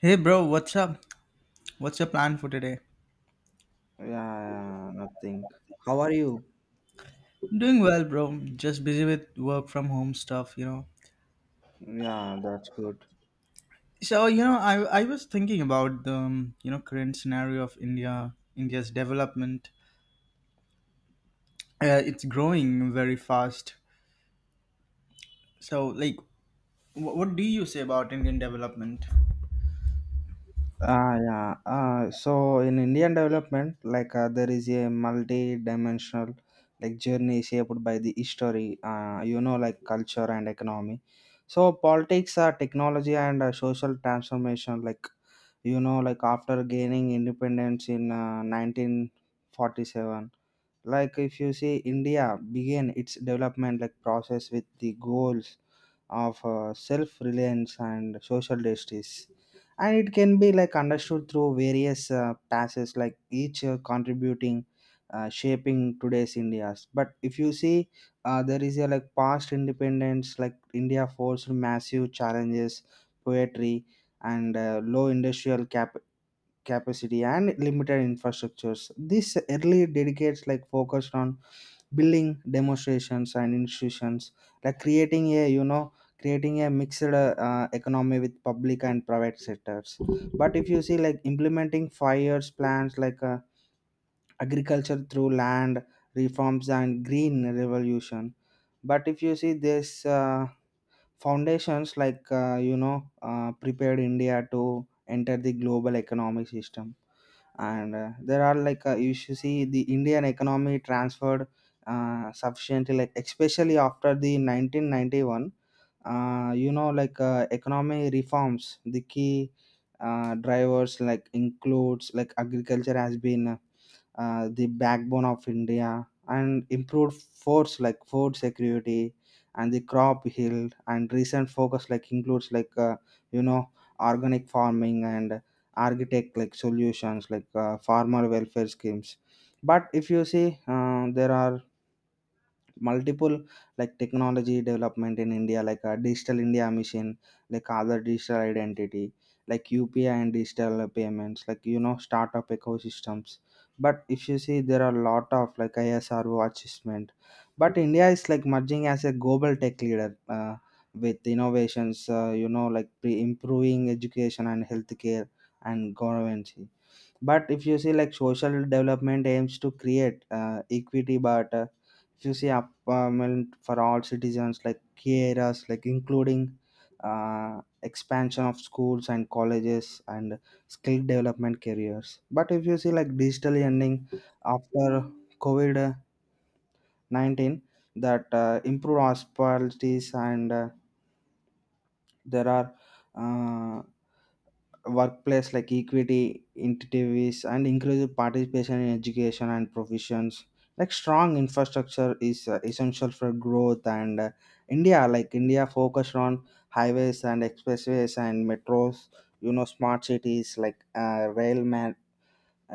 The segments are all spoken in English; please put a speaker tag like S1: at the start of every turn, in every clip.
S1: Hey bro, what's up? What's your plan for today?
S2: Yeah, yeah, nothing. How are you?
S1: Doing well, bro. Just busy with work from home stuff.
S2: Yeah, that's good.
S1: So I was thinking about the current scenario of India's development. It's growing very fast. So, like, what do you say about Indian development?
S2: Ah, yeah. So in Indian development, like there is a multi-dimensional like journey shaped by the history, like culture and economy. So politics, technology, and social transformation, like like after gaining independence in 1947, like if you see India began its development like process with the goals of self-reliance and social justice, and it can be like understood through various passes like each contributing shaping today's india's. But if you see there is a like past independence like india forced massive challenges, poetry and low industrial capacity and limited infrastructures. This early dedicates like focused on building demonstrations and institutions, like creating a mixed economy with public and private sectors. But if you see like implementing 5 years plans like agriculture through land reforms and green revolution. But if you see this. Foundations like prepared india to enter the global economic system, and there are like you should see the indian economy transferred sufficiently like especially after the 1991 like economy reforms, the key drivers like includes like agriculture has been the backbone of india and improved force like food security and the crop yield. And recent focus like includes like you know organic farming and architect like solutions like farmer welfare schemes. But if you see there are multiple like technology development in india, like digital india mission, like other digital identity like upi and digital payments, like you know startup ecosystems. But if you see there are a lot of like isro achievement, but india is like merging as a global tech leader with innovations, like improving education and healthcare and governance. But if you see like social development aims to create equity, but if you see apartment for all citizens, like key areas like including expansion of schools and colleges and skill development careers. But if you see like digital ending after covid-19 that improve hospitalities, and there are uh, workplace like equity incentives and inclusive participation in education and professions, like strong infrastructure is essential for growth. And india focused on highways and expressways and metros, you know smart cities, like rail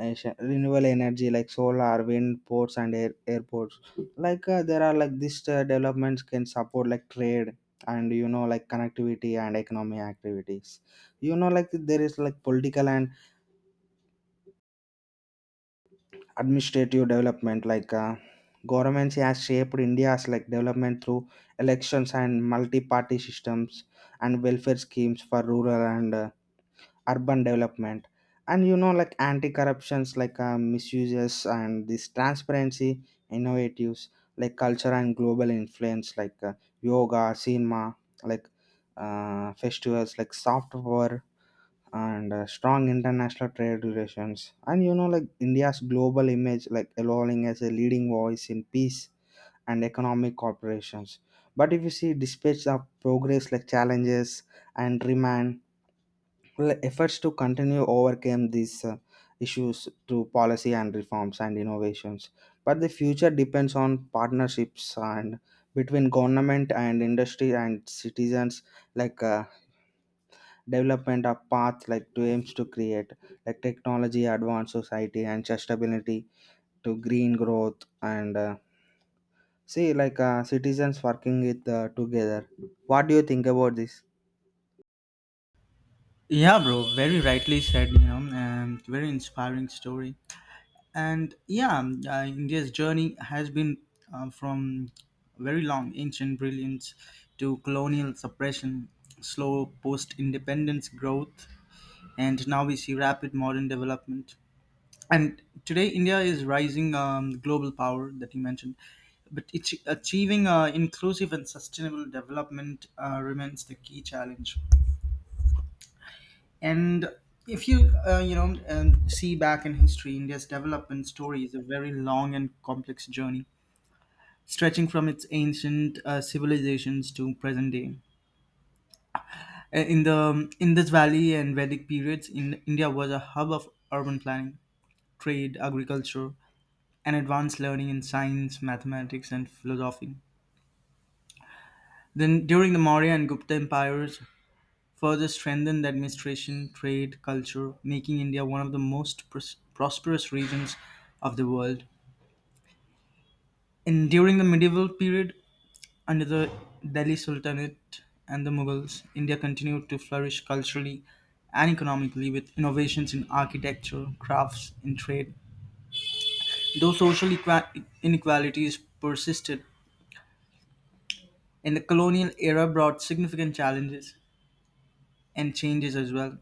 S2: Renewable energy like solar wind ports and airports, like there are like these developments can support like trade and you know like connectivity and economic activities. You know, like there is like political and administrative development, like governments has shaped india's like development through elections and multi-party systems, and welfare schemes for rural and urban development. And you know like anti-corruptions like misuses and this transparency innovatives, like culture and global influence, like yoga cinema, like festivals, like soft power and strong international trade relations. And you know like india's global image like allowing as a leading voice in peace and economic corporations. But if you see dispatch of progress like challenges and remand, well, efforts to continue overcame these issues through policy and reforms and innovations. But the future depends on partnerships and between government and industry and citizens, like development of path like to aims to create like technology advanced society and sustainability to green growth, and see like citizens working with together. What do you think about this?
S1: Yeah, bro, very rightly said, and very inspiring story. And yeah, India's journey has been from very long ancient brilliance to colonial suppression, slow post independence growth, and now we see rapid modern development. And today, India is rising global power that you mentioned, but it's achieving inclusive and sustainable development remains the key challenge. And if you you know see back in history, India's development story is a very long and complex journey, stretching from its ancient civilizations to present day. In the Indus Valley and Vedic periods, India was a hub of urban planning, trade, agriculture, and advanced learning in science, mathematics, and philosophy. Then, during the Maurya and Gupta empires, further strengthened administration, trade, culture, making India one of the most prosperous regions of the world. And during the medieval period, under the Delhi Sultanate and the Mughals, India continued to flourish culturally and economically with innovations in architecture, crafts, and trade. Though social inequalities persisted, in the colonial era brought significant challenges and changes as well.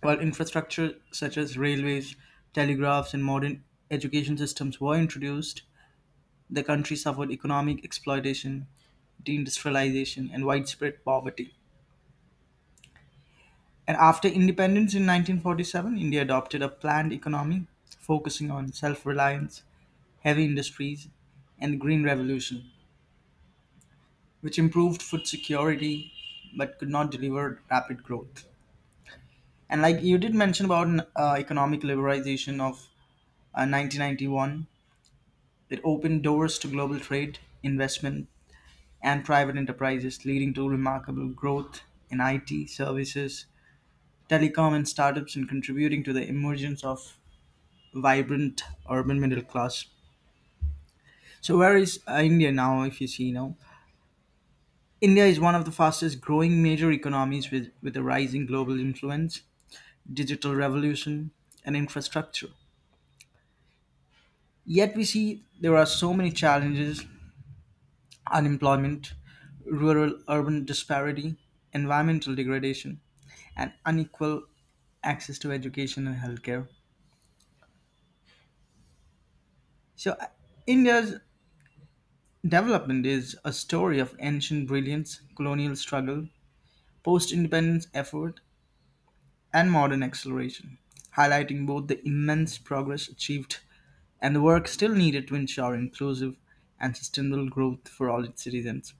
S1: While infrastructure such as railways, telegraphs, and modern education systems were introduced, the country suffered economic exploitation, deindustrialization, and widespread poverty. And after independence in 1947, India adopted a planned economy focusing on self reliance, heavy industries, and the Green Revolution, which improved food security but could not deliver rapid growth. And like you did mention about economic liberalization of 1991, it opened doors to global trade, investment, and private enterprises, leading to remarkable growth in IT, services, telecom, and startups, and contributing to the emergence of vibrant urban middle class. So, where is India now? If you see now, India is one of the fastest growing major economies with a rising global influence, digital revolution, and infrastructure. Yet, we see there are so many challenges: unemployment, rural urban disparity, environmental degradation, and unequal access to education and healthcare. So, India's development is a story of ancient brilliance, colonial struggle, post independence effort, and modern acceleration, highlighting both the immense progress achieved and the work still needed to ensure inclusive and sustainable growth for all its citizens.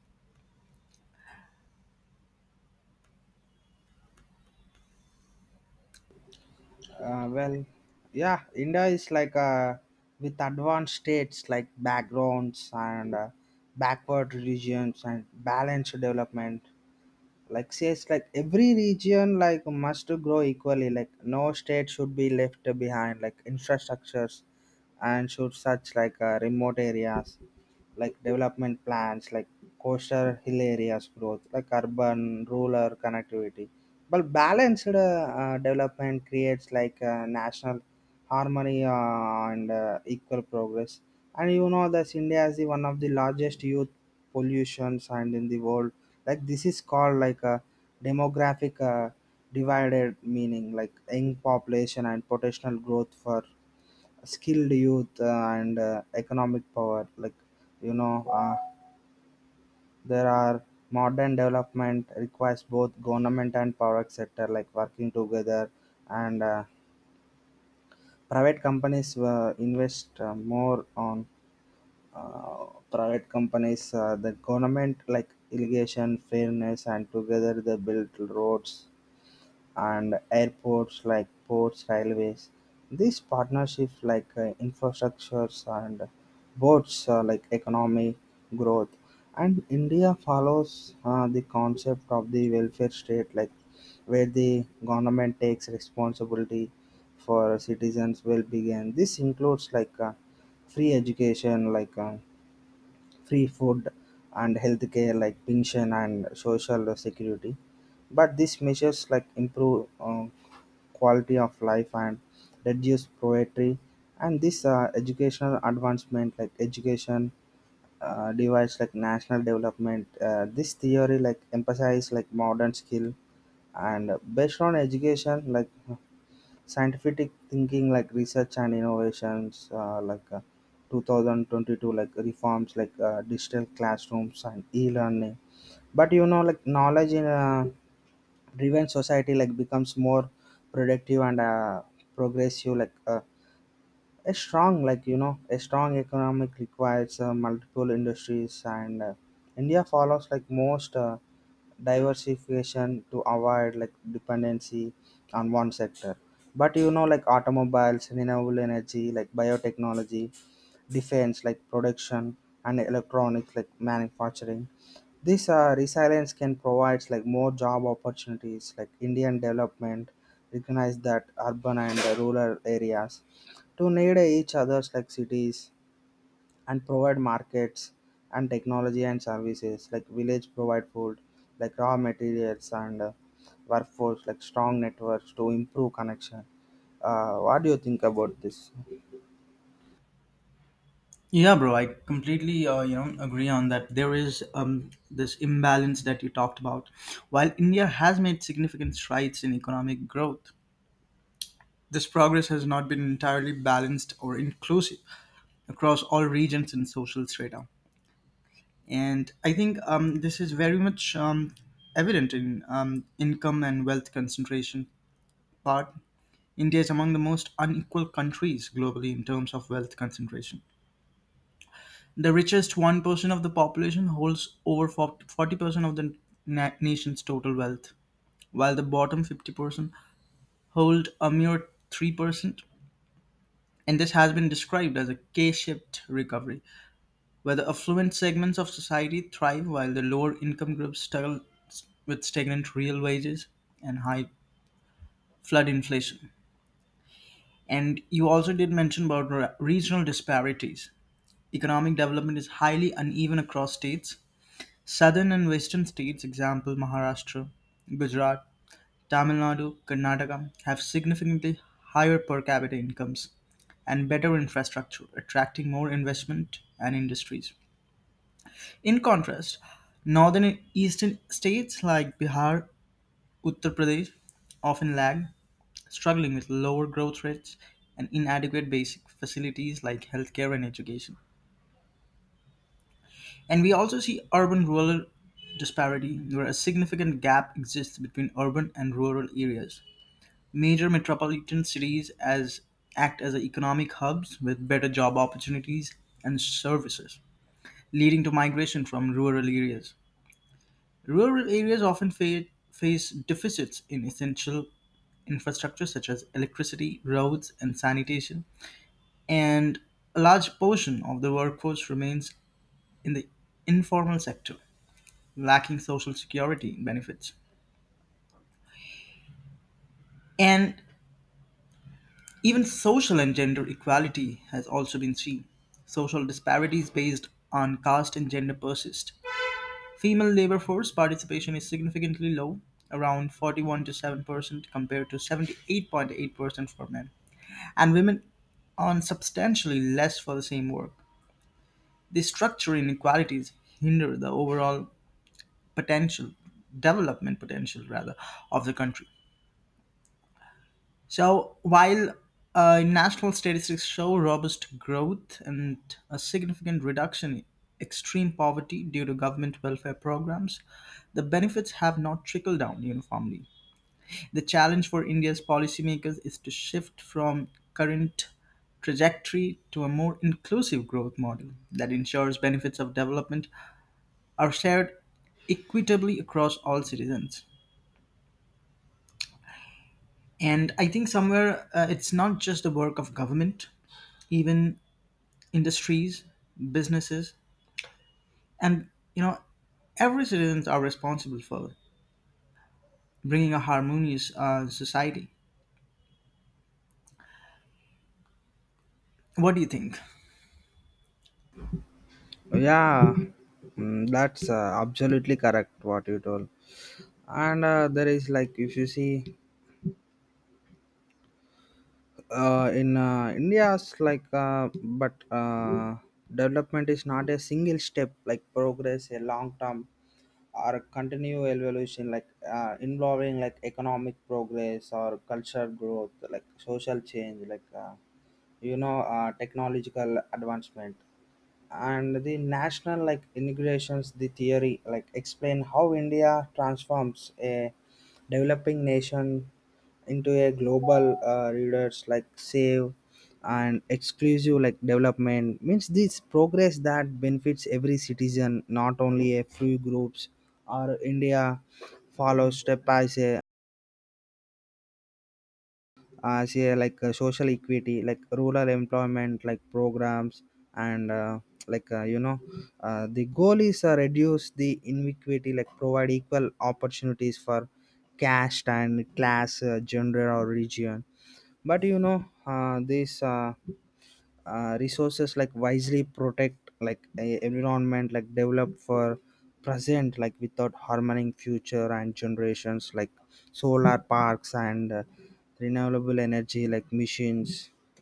S2: Well, yeah, India is like with advanced states like backgrounds and backward regions and balanced development. Like says like every region like must grow equally. Like no state should be left behind. Like infrastructures and should such like remote areas, like development plans, like coastal hill areas growth, like urban rural connectivity. But balanced development creates like national harmony and equal progress. And you know that India is the one of the largest youth pollutions and in the world. Like this is called like a demographic divided, meaning like young population and potential growth for skilled youth and economic power. Like you know. There are modern development requires both government and private sector like working together. And private companies invest more on private companies, the government like irrigation fairness, and together they build roads and airports like ports, railways. These partnerships like infrastructures and boats like economic growth. And India follows the concept of the welfare state, like where the government takes responsibility for citizens' well-being. This includes like free education, like free food and healthcare, like pension and social security. But these measures like improve quality of life and reduce poverty. And this educational advancement like education device like national development. This theory like emphasize like modern skill and based on education, like scientific thinking, like research and innovations like 2022 like reforms, like digital classrooms and e-learning. But you know like knowledge in a driven society like becomes more productive and progressive, like a strong like you know a strong economic requires multiple industries. And india follows like most diversification to avoid like dependency on one sector. But you know like automobiles, renewable energy, like biotechnology defense like production and electronics like manufacturing, this resilience can provide like more job opportunities. Like indian development recognize that urban and rural areas to need each other's, like cities and provide markets and technology and services, like village provide food like raw materials and workforce like strong networks to improve connection. What do you think about this?
S1: Yeah, bro, I completely agree on that. There is this imbalance that you talked about. While India has made significant strides in economic growth, this progress has not been entirely balanced or inclusive across all regions and social strata. And I think this is very much evident in income and wealth concentration part. India is among the most unequal countries globally in terms of wealth concentration. The richest 1% of the population holds over 40% of the nation's total wealth, while the bottom 50% hold a mere 3%. And this has been described as a K-shaped recovery, where the affluent segments of society thrive while the lower income groups struggle with stagnant real wages and high flood inflation. And you also did mention about regional disparities. Economic development is highly uneven across states. Southern and western states, example Maharashtra, Gujarat, Tamil Nadu, Karnataka, have significantly higher per capita incomes and better infrastructure, attracting more investment and industries. In contrast, northern and eastern states like Bihar, Uttar Pradesh often lag, struggling with lower growth rates and inadequate basic facilities like healthcare and education. And we also see urban rural disparity, where a significant gap exists between urban and rural areas. Major metropolitan cities as act as economic hubs with better job opportunities and services, leading to migration from rural areas. Rural areas often face deficits in essential infrastructure such as electricity, roads, and sanitation, and a large portion of the workforce remains in the informal sector, lacking social security benefits. And even social and gender equality has also been seen. Social disparities based on caste and gender persist. Female labor force participation is significantly low, around 41 to 7% compared to 78.8% for men, and women earn substantially less for the same work. These structural inequalities hinder the overall potential, development potential rather, of the country. So while national statistics show robust growth and a significant reduction in extreme poverty due to government welfare programs, the benefits have not trickled down uniformly. The challenge for India's policymakers is to shift from current trajectory to a more inclusive growth model that ensures benefits of development are shared equitably across all citizens. And I think somewhere it's not just the work of government. Even industries, businesses, and you know every citizens are responsible for bringing a harmonious society. What do you think?
S2: Yeah. That's absolutely correct what you told. And there is like if you see in India's like but development is not a single step like progress, a long term or continual evolution, like involving like economic progress or cultural growth, like social change, like technological advancement and the national like integrations. The theory like explain how india transforms a developing nation into a global readers like save and exclusive, like development means this progress that benefits every citizen, not only a few groups, or india follows step by step as a like social equity like rural employment like programs, and like the goal is reduce the inequity, like provide equal opportunities for caste and class, gender or region. But you know this resources like wisely protect like environment like develop for present, like without harming future and generations. Like solar parks and renewable energy like machines,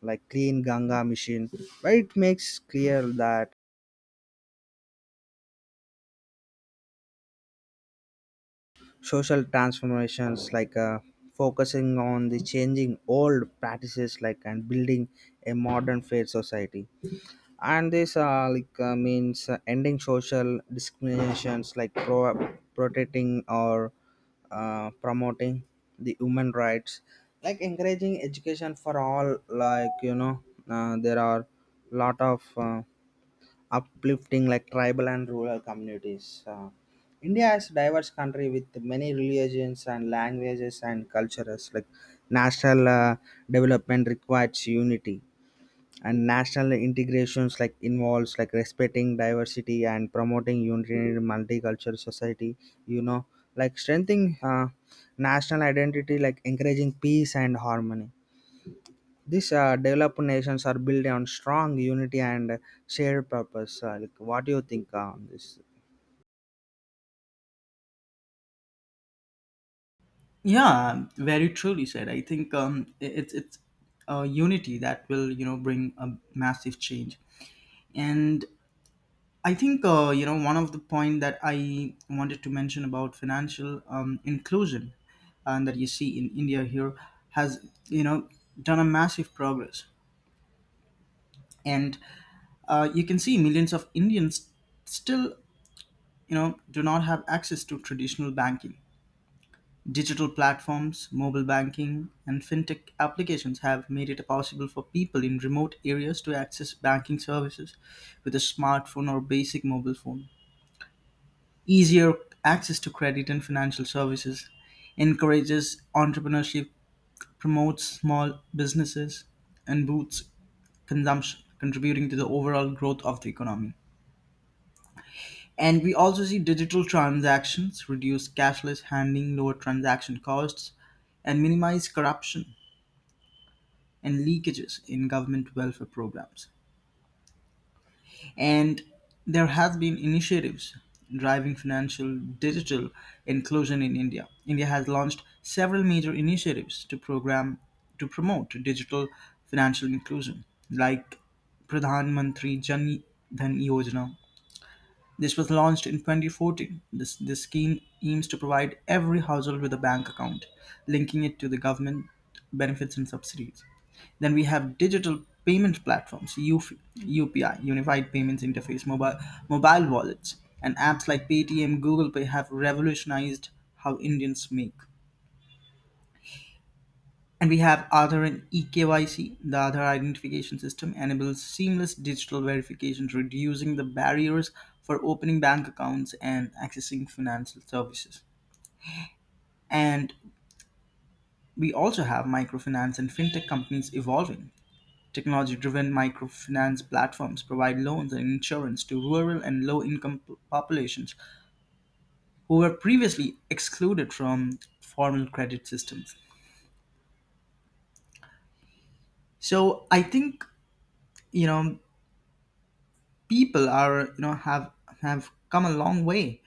S2: like clean ganga machine, where it makes clear that social transformations like focusing on the changing old practices like and building a modern fair society. And this like means ending social discriminations, like protecting or promoting the human rights, like encouraging education for all. Like you know there are lot of uplifting like tribal and rural communities. India is a diverse country with many religions and languages and cultures, like national development requires unity and national integrations, like involves like respecting diversity and promoting unity in multicultural society. You know like strengthening national identity like encouraging peace and harmony. These developed nations are built on strong unity and shared purpose. Like what do you think on this?
S1: Yeah, very truly said. I think it's unity that will bring a massive change. And I think one of the point that I wanted to mention about financial inclusion and that you see in India here has you know done a massive progress. And you can see millions of Indians still, do not have access to traditional banking. Digital platforms, mobile banking, and fintech applications have made it possible for people in remote areas to access banking services with a smartphone or basic mobile phone. Easier access to credit and financial services encourages entrepreneurship, promotes small businesses, and boosts consumption, contributing to the overall growth of the economy. And we also see digital transactions reduce cashless handling, lower transaction costs, and minimize corruption and leakages in government welfare programs. And there has been initiatives driving financial digital inclusion in India. India has launched several major initiatives to promote digital financial inclusion, like Pradhan Mantri Jan Dhan Yojana. This was launched in 2014. This scheme aims to provide every household with a bank account, linking it to the government benefits and subsidies. Then we have digital payment platforms, UFI, UPI, Unified Payments Interface, mobile wallets, and apps like Paytm, Google Pay have revolutionized how Indians make. And we have Aadhaar and eKYC. The Aadhaar identification system enables seamless digital verification, reducing the barriers for opening bank accounts and accessing financial services. And we also have microfinance and fintech companies evolving. Technology driven microfinance platforms provide loans and insurance to rural and low income populations who were previously excluded from formal credit systems. So I think, you know, people are you know have come a long way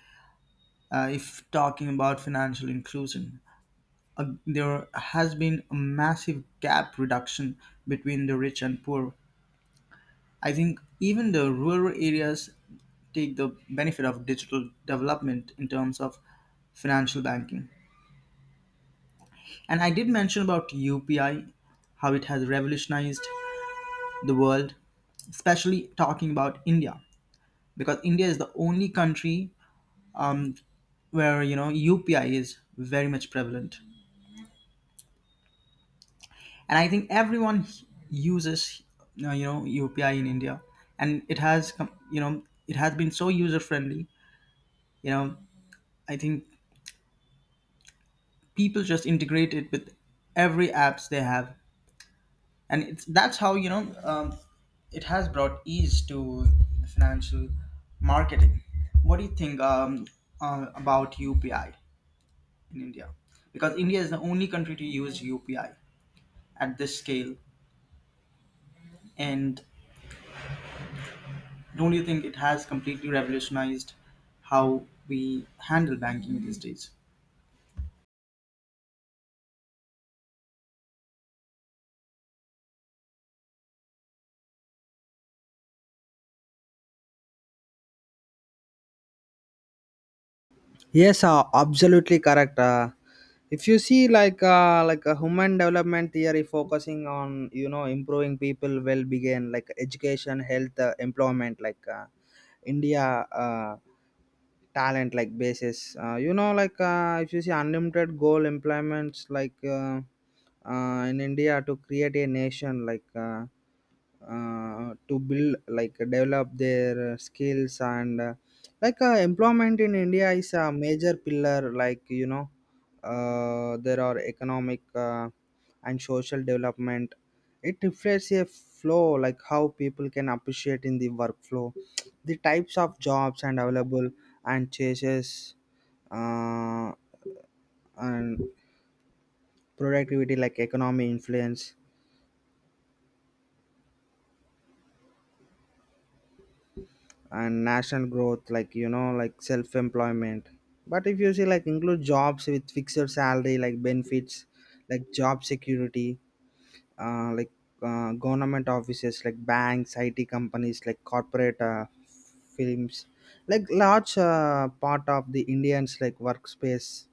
S1: if talking about financial inclusion. There has been a massive gap reduction between the rich and poor. I think even the rural areas take the benefit of digital development in terms of financial banking. And I did mention about UPI, how it has revolutionized the world, especially talking about India, because India is the only country, um, where UPI is very much prevalent, and I think everyone uses UPI in India, and it has been so user friendly. You know, I think people just integrate it with every apps they have, and it's that's how it has brought ease to the financial marketing. What do you think about UPI in India? Because India is the only country to use UPI at this scale. And don't you think it has completely revolutionized how we handle banking these days?
S2: Yes, absolutely correct. If you see like a human development theory focusing on you know improving people well being, like education, health, employment, like India uh, talent like basis. You know like if you see unlimited goal employments like in India to create a nation like. To build like develop their skills and like employment in india is a major pillar. Like you know there are economic and social development. It reflects a flow like how people can appreciate in the workflow, the types of jobs and available and changes uh, and productivity like economy influence and national growth. Like you know like self-employment. But if you see like include jobs with fixed salary like benefits, like job security, like government offices, like banks, it companies, like corporate films, like large part of the indians like workspace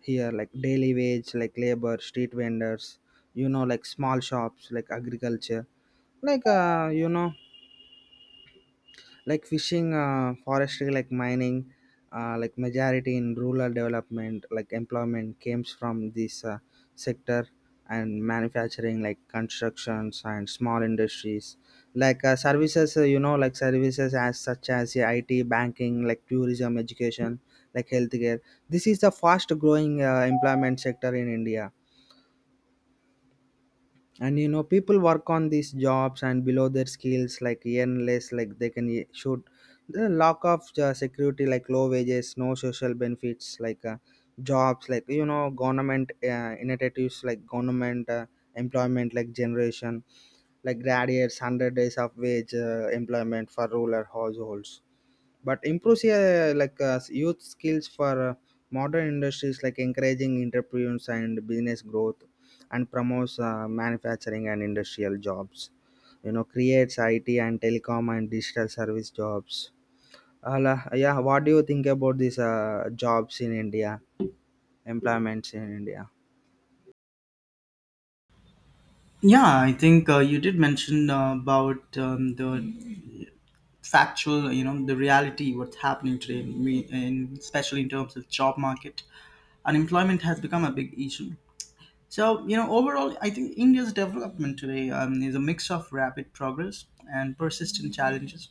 S2: here, like daily wage like labor, street vendors, you know like small shops like agriculture, like like fishing, forestry, like mining. Like majority in rural development like employment comes from this sector. And manufacturing like constructions and small industries, like services, like services as such as yeah, it banking like tourism, education, like healthcare, this is the fast growing employment sector in india. And you know people work on these jobs and below their skills like earn less, like they can shoot the lack of security, like low wages, no social benefits like jobs. Like you know government initiatives like government employment like generation like gradients 100 days of wage employment for rural households. But improves like youth skills for modern industries, like encouraging entrepreneurs and business growth, and promotes manufacturing and industrial jobs. You know creates it and telecom and digital service jobs. Ala yeah, what do you think about these jobs in india, employments in india?
S1: Yeah, I think you did mention about the the reality what's happening today, especially in terms of job market. Unemployment has become a big issue. So, overall, I think India's development today is a mix of rapid progress and persistent challenges.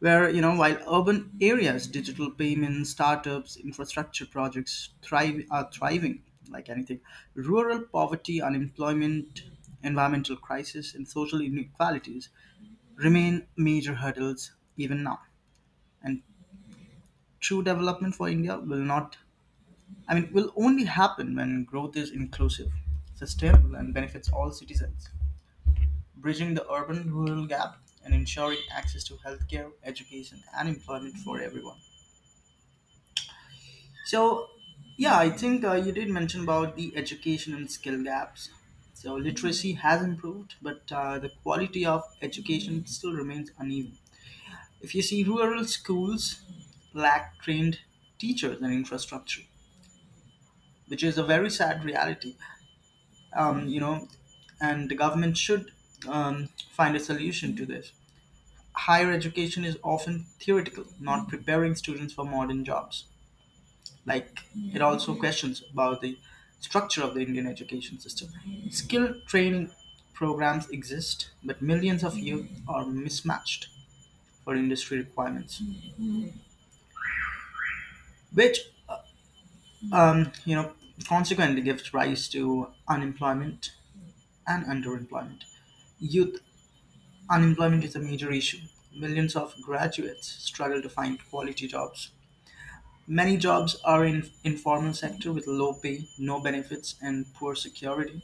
S1: Where while urban areas, digital payments, startups, infrastructure projects thrive are thriving like anything, rural poverty, unemployment, environmental crisis, and social inequalities remain major hurdles even now. And true development for India will not, I mean will only happen when growth is inclusive, sustainable, and benefits all citizens, bridging the urban rural gap and ensuring access to healthcare, education, and employment for everyone. So, yeah, I think you did mention about the education and skill gaps. So, literacy has improved, but the quality of education still remains uneven. If you see, rural schools lack trained teachers and infrastructure, which is a very sad reality. Um, you know, and the government should find a solution to this. Higher education is often theoretical, not preparing students for modern jobs. Like, it also questions about the structure of the Indian education system. Skill training programs exist, but millions of youth are mismatched for industry requirements, which, um, you know, consequently gives rise to unemployment and underemployment. Youth unemployment is a major issue. Millions of graduates struggle to find quality jobs. Many jobs are in informal sector with low pay, no benefits, and poor security.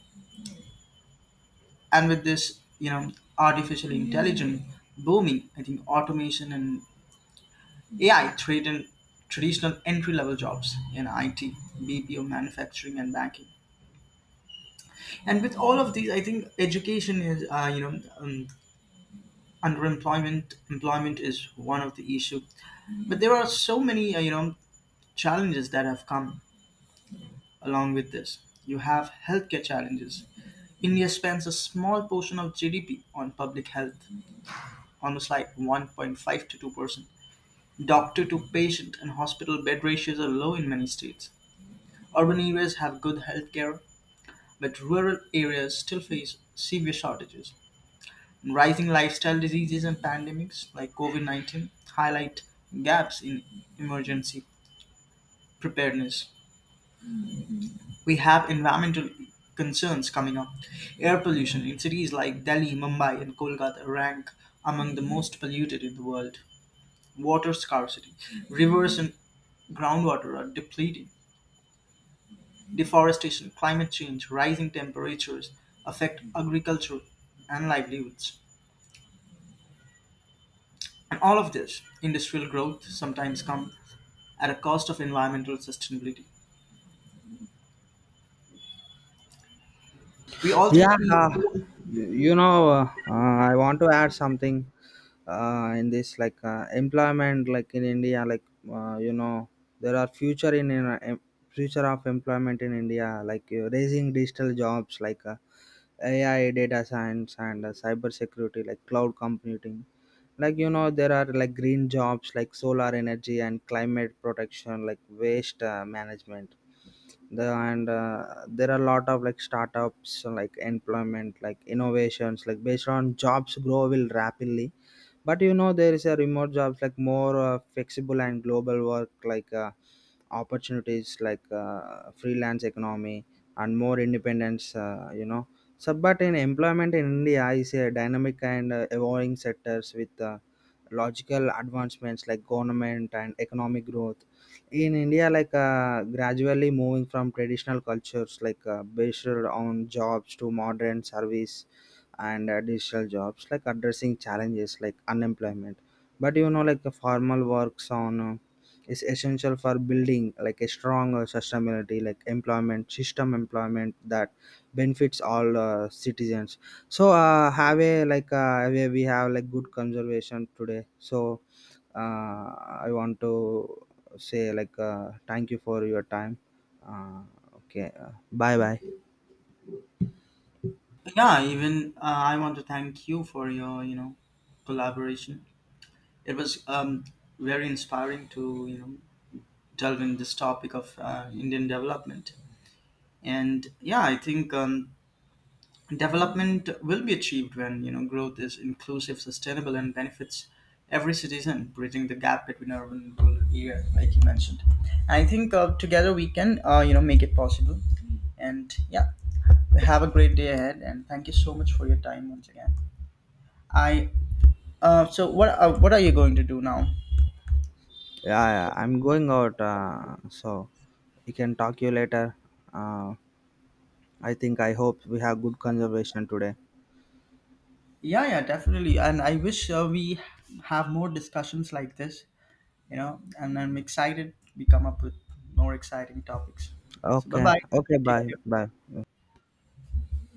S1: And with this, artificial intelligence booming, I think automation and AI threaten traditional entry level jobs in IT, BPO, manufacturing, and banking. And with all of these, I think education is underemployment, employment is one of the issue. But there are so many challenges that have come along with this. You have healthcare challenges. India spends a small portion of GDP on public health, almost like 1.5 to 2%. Doctor to patient and hospital bed ratios are low in many states. Urban areas have good health care, but rural areas still face severe shortages. Rising lifestyle diseases and pandemics like COVID 19 highlight gaps in emergency preparedness. We have environmental concerns coming up. Air pollution in cities like Delhi, Mumbai, and Kolkata rank among the most polluted in the world. Water scarcity. Rivers and groundwater are depleting. Deforestation, climate change, rising temperatures affect agriculture and livelihoods. And all of this, industrial growth sometimes comes at a cost of environmental sustainability. We also
S2: Yeah,
S1: see,
S2: I want to add something in this, like employment, like in India, like uh, you know, there are future of employment in India, like raising digital jobs, like AI, data science, and cyber security, like cloud computing. Like you know, there are like green jobs like solar energy and climate protection, like waste management the. And there are a lot of like startups like employment like innovations like based on jobs grow will rapidly. But you know there is a remote jobs like more flexible and global work, like opportunities like freelance economy and more independence, you know. So but in employment in india is a dynamic and evolving sectors with logical advancements like government and economic growth in india, like gradually moving from traditional cultures like based on jobs to modern service and digital jobs, like addressing challenges like unemployment. But you know like the formal works on is essential for building like a strong sustainability like employment system employment that benefits all citizens. So have a like have a- we have like good conservation today. So uh, I want to say like thank you for your time. uh, okay. Bye bye.
S1: yeah, even I want to thank you for your collaboration. It was very inspiring to delve in this topic of Indian development. And yeah, I think development will be achieved when growth is inclusive, sustainable, and benefits every citizen, bridging the gap between urban and rural area, like you mentioned. I think together we can make it possible. And yeah, have a great day ahead, and thank you so much for your time once again. I so what are you going to do now?
S2: Yeah, yeah, I'm going out, so you can talk you later. Uh, I think I hope we have good conversation today.
S1: Yeah, yeah, definitely. And I wish we have more discussions like this, and I'm excited we come up with more exciting topics. So bye
S2: Okay.
S1: bye.
S2: Okay.
S1: Take
S2: Bye.
S1: care.
S2: Bye.